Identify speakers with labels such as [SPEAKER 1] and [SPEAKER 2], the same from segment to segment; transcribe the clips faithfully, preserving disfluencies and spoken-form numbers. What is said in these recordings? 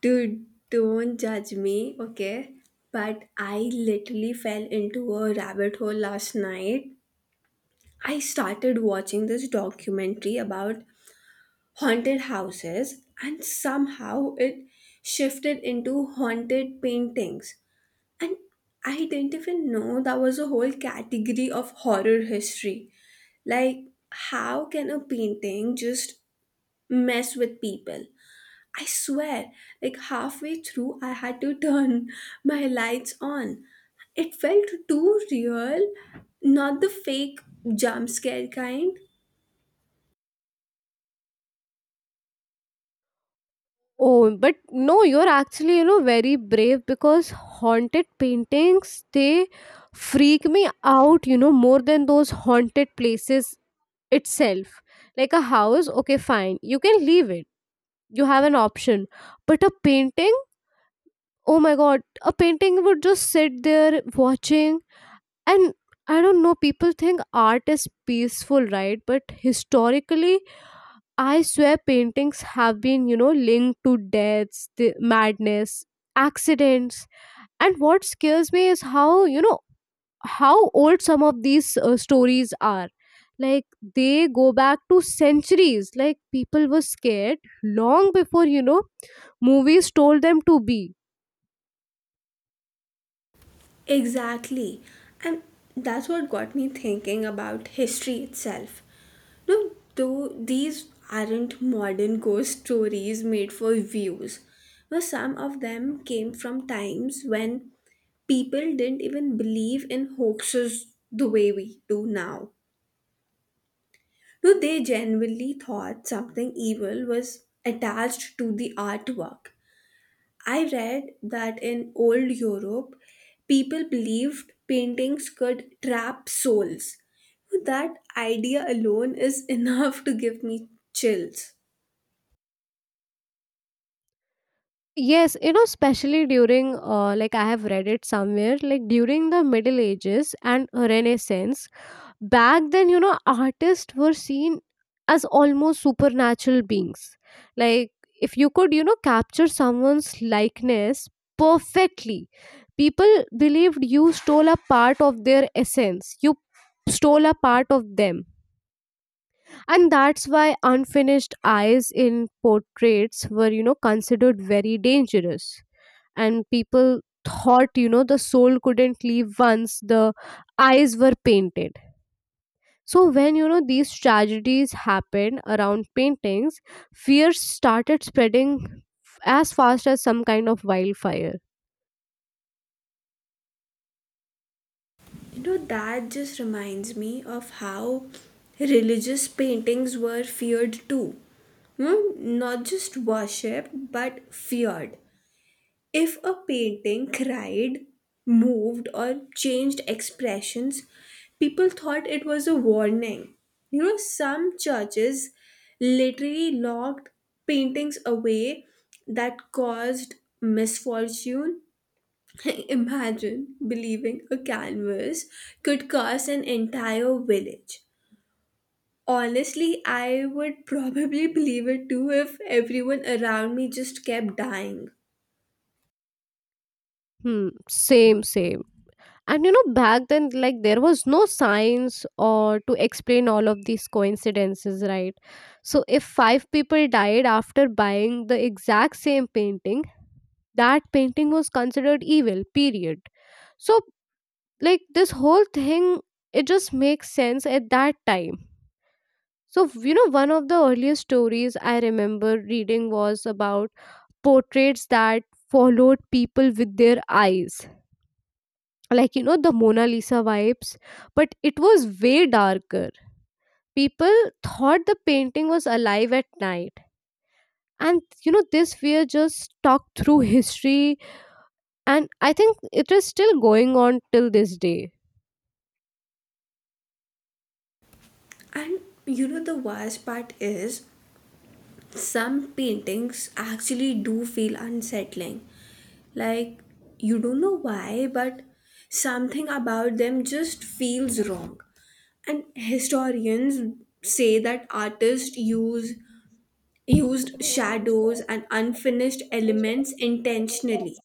[SPEAKER 1] Dude, don't judge me, okay? But I literally fell into a rabbit hole last night. I started watching this documentary about haunted houses, and somehow it shifted into haunted paintings. And I didn't even know that was a whole category of horror history. Like, how can a painting just mess with people? I swear, like halfway through, I had to turn my lights on. It felt too real, not the fake jump scare kind.
[SPEAKER 2] Oh, but no, you're actually, you know, very brave because haunted paintings, they freak me out, you know, more than those haunted places itself. Like a house, okay, fine. You can leave it. You have an option. But a painting, oh my god, a painting would just sit there watching. And I don't know, people think art is peaceful, right? But historically, I swear paintings have been, you know, linked to deaths, the madness, accidents. And what scares me is how, you know, how old some of these uh, stories are. Like they go back to centuries. Like people were scared long before, you know, movies told them to be.
[SPEAKER 1] Exactly. And that's what got me thinking about history itself. No, though these aren't modern ghost stories made for views. No, some of them came from times when people didn't even believe in hoaxes the way we do now. No, they genuinely thought something evil was attached to the artwork. I read that in old Europe, people believed paintings could trap souls. That idea alone is enough to give me chills.
[SPEAKER 2] Yes, you know, especially during, uh, like I have read it somewhere, like during the Middle Ages and Renaissance, back then you know artists were seen as almost supernatural beings like if you could you know capture someone's likeness perfectly, people believed you stole a part of their essence. You stole a part of them, and that's why unfinished eyes in portraits were you know considered very dangerous. And people thought you know the soul couldn't leave once the eyes were painted. So when you know these tragedies happened around paintings, fear started spreading f- as fast as some kind of wildfire.
[SPEAKER 1] You know, that just reminds me of how religious paintings were feared too. Hmm? Not just worshipped, but feared. If a painting cried, moved, or changed expressions, people thought it was a warning. You know, some churches literally locked paintings away that caused misfortune. Imagine believing a canvas could curse an entire village. Honestly, I would probably believe it too if everyone around me just kept dying.
[SPEAKER 2] Hmm, same, same. And you know, back then, like there was no science or to explain all of these coincidences, right? So if five people died after buying the exact same painting, that painting was considered evil. Period. So like this whole thing, it just makes sense at that time. So, you know, one of the earliest stories I remember reading was about portraits that followed people with their eyes. Like, you know, the Mona Lisa vibes, but it was way darker. People thought the painting was alive at night. And, you know, this fear just stuck through history. And I think it is still going on till this day.
[SPEAKER 1] And you know, the worst part is some paintings actually do feel unsettling. Like, you don't know why, but something about them just feels wrong. And historians say that artists use used shadows and unfinished elements intentionally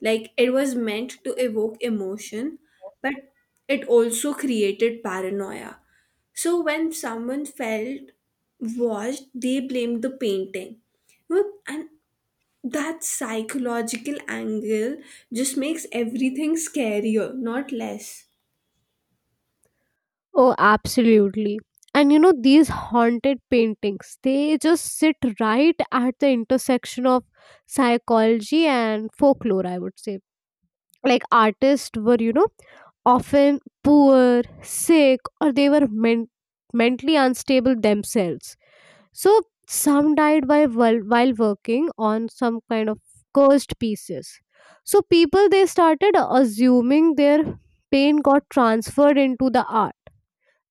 [SPEAKER 1] like it was meant to evoke emotion, but it also created paranoia. So when someone felt watched, they blamed the painting. You know, and that psychological angle just makes everything scarier, not less.
[SPEAKER 2] Oh, absolutely. And you know, these haunted paintings, they just sit right at the intersection of psychology and folklore, I would say. Like, artists were, you know, often poor, sick, or they were men- mentally unstable themselves. So, some died by while, while working on some kind of cursed pieces. So, people they started assuming their pain got transferred into the art,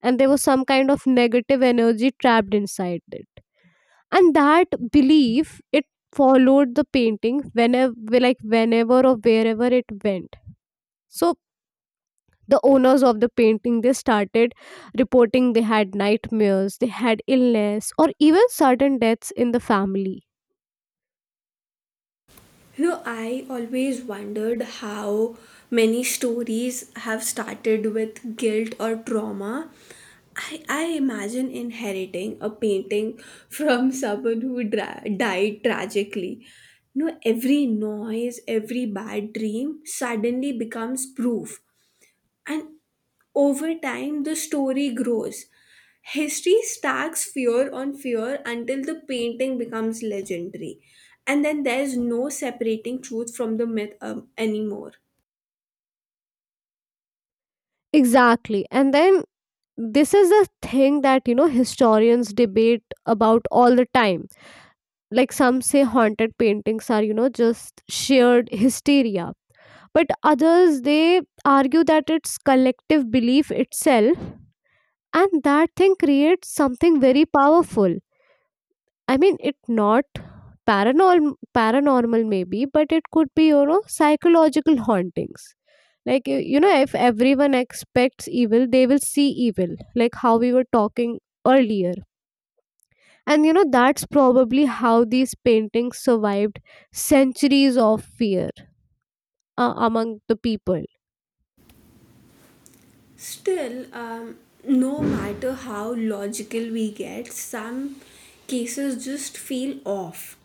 [SPEAKER 2] and there was some kind of negative energy trapped inside it, and that belief it followed the painting whenever, like whenever or wherever it went. So the owners of the painting, they started reporting they had nightmares, they had illness, or even sudden deaths in the family.
[SPEAKER 1] You know, I always wondered how many stories have started with guilt or trauma. I, I imagine inheriting a painting from someone who dra- died tragically. You know, every noise, every bad dream suddenly becomes proof. And over time, the story grows. History stacks fear on fear until the painting becomes legendary. And then there's no separating truth from the myth um, anymore.
[SPEAKER 2] Exactly, and then this is a thing that you know historians debate about all the time. Like some say haunted paintings are you know just shared hysteria, but others they argue that it's collective belief itself, and that thing creates something very powerful. I mean, it not paranormal. Paranormal maybe, but it could be you know psychological hauntings. Like y- you know if everyone expects evil, they will see evil, like how we were talking earlier. And you know that's probably how these paintings survived centuries of fear uh, among the people.
[SPEAKER 1] Still, um, no matter how logical we get, some cases just feel off.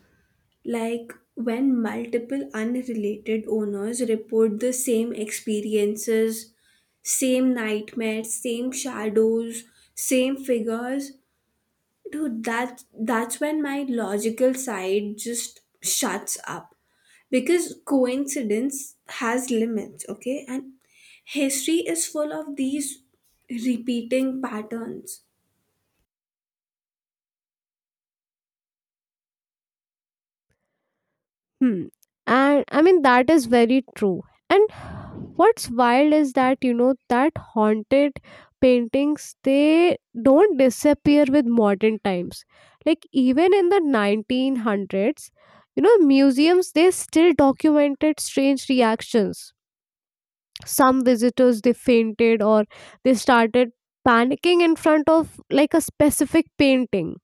[SPEAKER 1] Like when multiple unrelated owners report the same experiences, same nightmares, same shadows, same figures, dude, that that's when my logical side just shuts up. Because coincidence has limits, okay? And history is full of these repeating patterns.
[SPEAKER 2] Hmm. And I mean, that is very true. And what's wild is that, you know, that haunted paintings, they don't disappear with modern times. Like, even in the nineteen hundreds, you know, museums, they still documented strange reactions. Some visitors, they fainted or they started panicking in front of like a specific painting,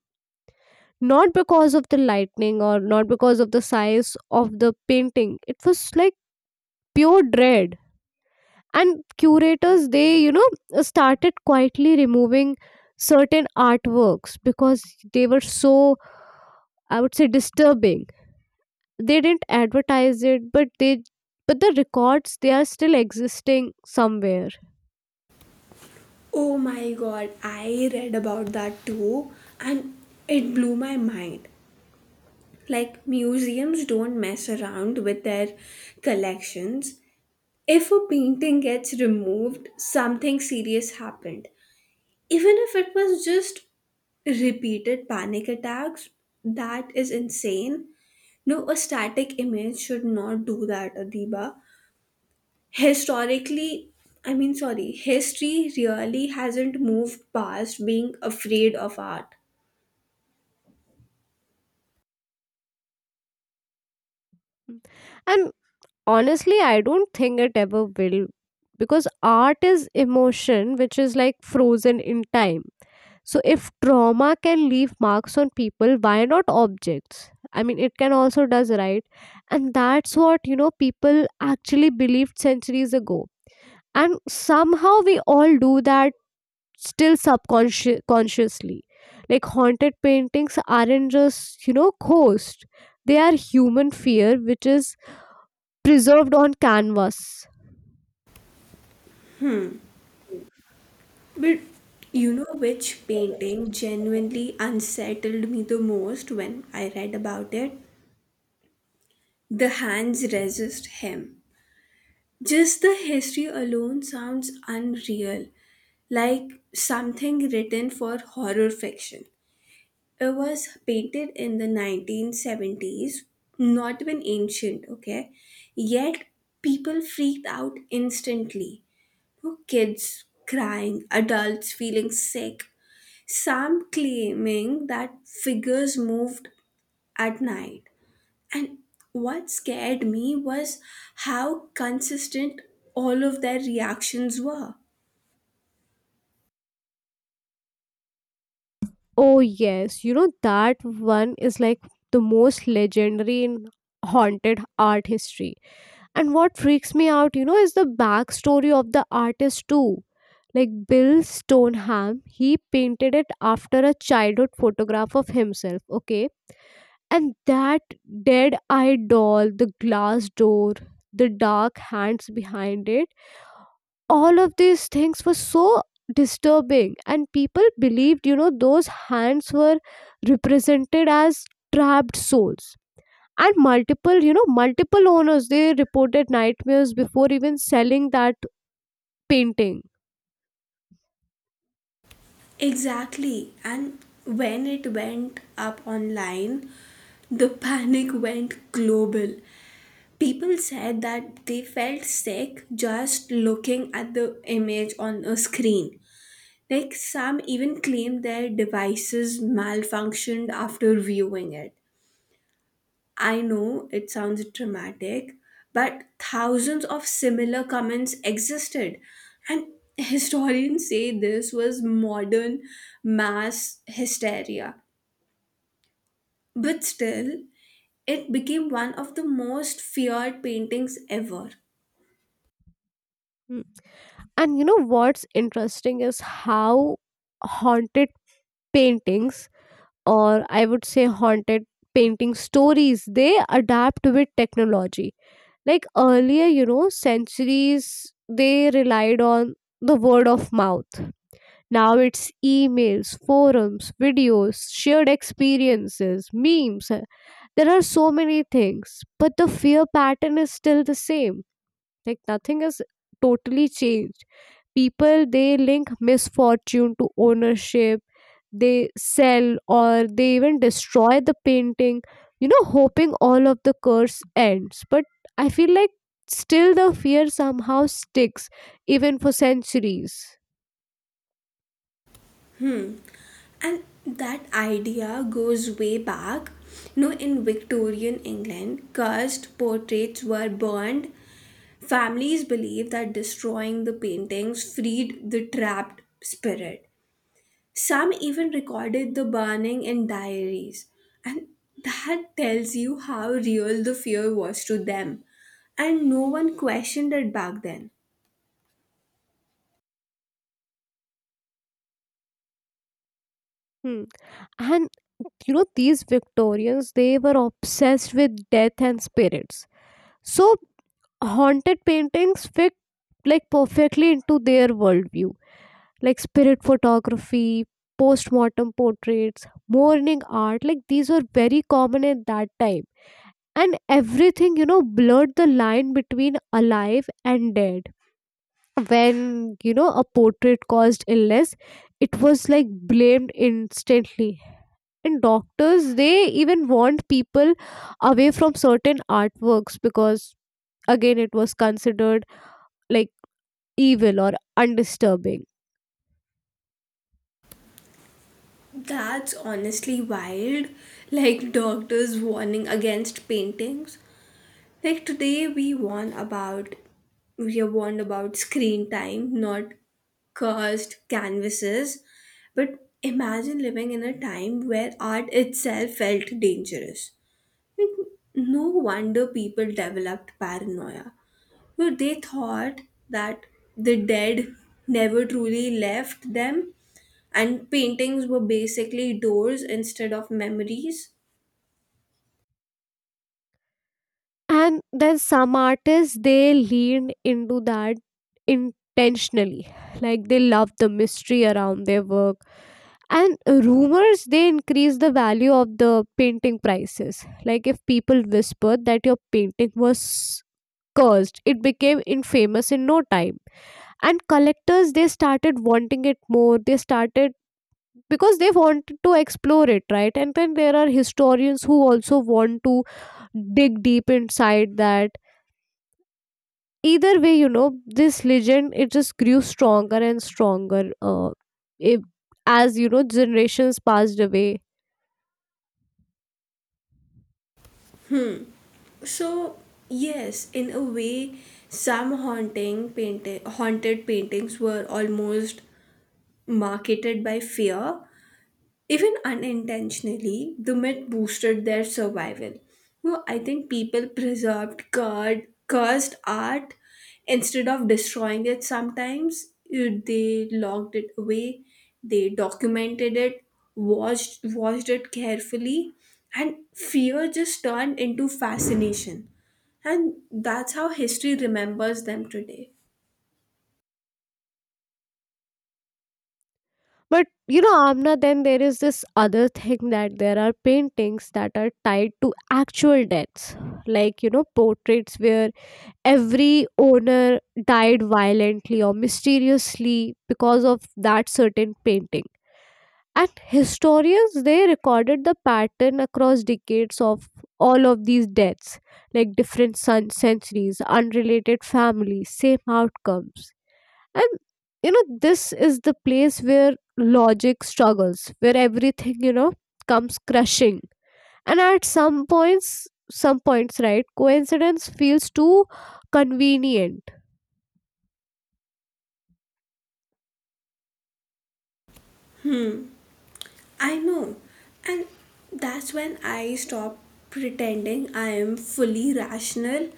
[SPEAKER 2] not because of the lightning or not because of the size of the painting. It was like pure dread. And curators they you know started quietly removing certain artworks because they were so, I would say, disturbing. They didn't advertise it, but they but the records they are still existing somewhere.
[SPEAKER 1] Oh my god, I read about that too, and it blew my mind. Like museums don't mess around with their collections. If a painting gets removed, something serious happened. Even if it was just repeated panic attacks, that is insane. No, a static image should not do that, Adiba. Historically, I mean, sorry, history really hasn't moved past being afraid of art.
[SPEAKER 2] And honestly, I don't think it ever will, because art is emotion which is like frozen in time. So, if trauma can leave marks on people, why not objects? I mean, it can also does, right, and that's what you know people actually believed centuries ago, and somehow we all do that still subconscious consciously. Like haunted paintings aren't just you know ghosts; they are human fear which is preserved on canvas.
[SPEAKER 1] But you know which painting genuinely unsettled me the most when I read about it? The Hands Resist Him. Just the history alone sounds unreal, like something written for horror fiction. It was painted in the nineteen seventies, not even ancient, okay? Yet people freaked out instantly. No kids crying, adults feeling sick, some claiming that figures moved at night. And what scared me was how consistent all of their reactions were.
[SPEAKER 2] Oh yes, you know that one is like the most legendary in haunted art history. And what freaks me out, you know, is the backstory of the artist too. Like Bill Stoneham, he painted it after a childhood photograph of himself, okay? And that dead eye doll, the glass door, the dark hands behind it, all of these things were so disturbing. And people believed, you know, those hands were represented as trapped souls, and multiple you know multiple owners they reported nightmares before even selling that painting.
[SPEAKER 1] Exactly. And when it went up online, the panic went global. People said that they felt sick just looking at the image on a screen. Like some even claimed their devices malfunctioned after viewing it. I know it sounds dramatic, but thousands of similar comments existed. And historians say this was modern mass hysteria. But still, it became one of the most feared paintings ever.
[SPEAKER 2] Mm. And you know what's interesting is how haunted paintings, or I would say haunted painting stories, they adapt with technology. Like earlier, you know, centuries, they relied on the word of mouth. Now it's emails, forums, videos, shared experiences, memes. There are so many things, but the fear pattern is still the same. Like nothing has totally changed. People they link misfortune to ownership. They sell or they even destroy the painting, you know, hoping all of the curse ends. But I feel like still the fear somehow sticks, even for centuries.
[SPEAKER 1] And that idea goes way back. No, in Victorian England, cursed portraits were burned. Families believed that destroying the paintings freed the trapped spirit. Some even recorded the burning in diaries. And that tells you how real the fear was to them. And no one questioned it back then.
[SPEAKER 2] Hmm. And you know these victorians they were obsessed with death and spirits, so haunted paintings fit like perfectly into their worldview. Like spirit photography, post-mortem portraits, mourning art, like these were very common at that time. And everything you know blurred the line between alive and dead. When you know a portrait caused illness, it was like blamed instantly. And doctors they even warned people away from certain artworks because, again, it was considered like evil or undisturbing.
[SPEAKER 1] That's honestly wild. Like doctors warning against paintings. Like today we warn about we have warned about screen time, not cursed canvases. But imagine living in a time where art itself felt dangerous. Like, no wonder people developed paranoia. So they thought that the dead never truly left them, and paintings were basically doors instead of memories.
[SPEAKER 2] And then some artists they lean into that intentionally, like they love the mystery around their work. And rumors they increase the value of the painting prices. Like if people whispered that your painting was cursed, it became infamous in no time. And collectors they started wanting it more. They started because they want to explore it, right? And then there are historians who also want to dig deep inside that. Either way, you know, this legend it just grew stronger and stronger, uh, if- as you know generations passed away.
[SPEAKER 1] So, yes, in a way, some haunting painting, haunted paintings were almost marketed by fear even unintentionally, the myth boosted their survival. No, I think people preserved cur- cursed art instead of destroying it sometimes. You- They locked it away, they documented it, watched, watched it carefully, and fear just turned into fascination. And that's how history remembers them today.
[SPEAKER 2] But you know, Amna, then there is this other thing, that there are paintings that are tied to actual deaths. Like you know portraits where every owner died violently or mysteriously because of that certain painting, and historians they recorded the pattern across decades of all of these deaths. Like different sun centuries, unrelated families, same outcomes. And you know this is the place where logic struggles, where everything you know comes crushing. And at some points some points, right, coincidence feels too convenient.
[SPEAKER 1] I know. And that's when I stop pretending I am fully rational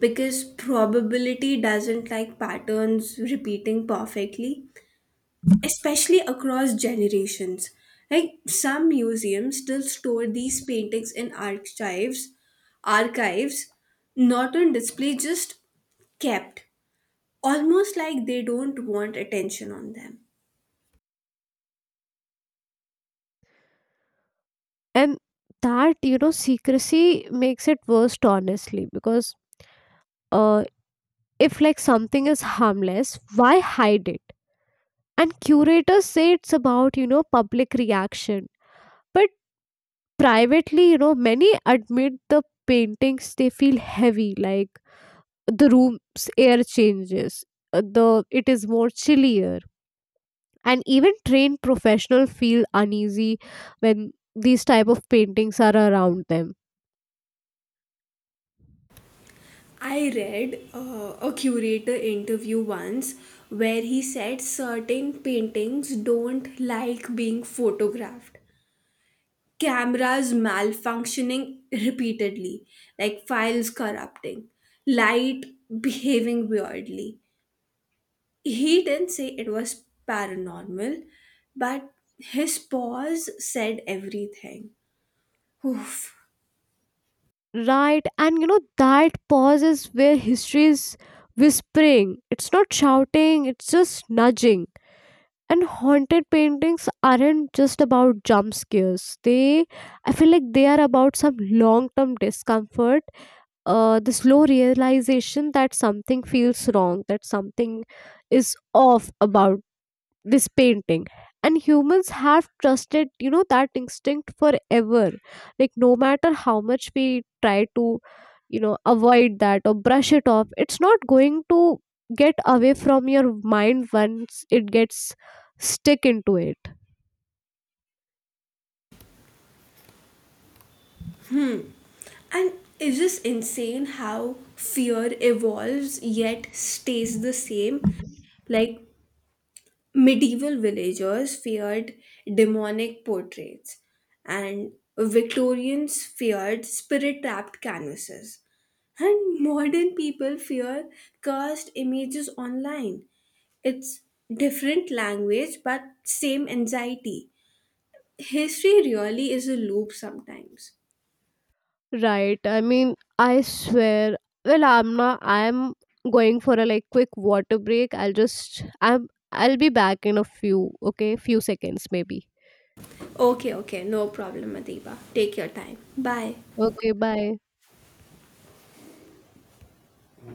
[SPEAKER 1] because probability doesn't like patterns repeating perfectly, especially across generations. Like some museums still store these paintings in archives, archives, not on display, just kept, almost like they don't want attention on them.
[SPEAKER 2] And that you know secrecy makes it worst, honestly, because uh, if like something is harmless, why hide it? And curators say it's about you know public reaction, but privately you know many admit the paintings they feel heavy, like the room's air changes, uh, the it is more chillier, and even trained professionals feel uneasy when these type of paintings are around them.
[SPEAKER 1] I read uh, a curator interview once where he said certain paintings don't like being photographed. Cameras malfunctioning repeatedly, like files corrupting, light behaving weirdly. He didn't say it was paranormal, but his pause said everything. Oof.
[SPEAKER 2] Right, and you know that pause is where history is whispering. It's not shouting, it's just nudging. And haunted paintings aren't just about jump scares. They, I feel like they are about some long-term discomfort, uh, the slow realization that something feels wrong, that something is off about this painting. And humans have trusted you know that instinct forever. Like no matter how much we try to you know avoid that or brush it off, it's not going to get away from your mind once it gets stick into it.
[SPEAKER 1] And is this insane how fear evolves yet stays the same? Like medieval villagers feared demonic portraits, and Victorians feared spirit trapped canvases, and modern people fear cursed images online. It's different language but same anxiety. History really is a loop sometimes.
[SPEAKER 2] Right, I mean, I swear, well I'm not I'm going for a like quick water break I'll just I'm I'll be back in a few, okay? Few seconds maybe.
[SPEAKER 1] Okay, okay, no problem, Adiba. Take your time. Bye.
[SPEAKER 2] Okay, bye.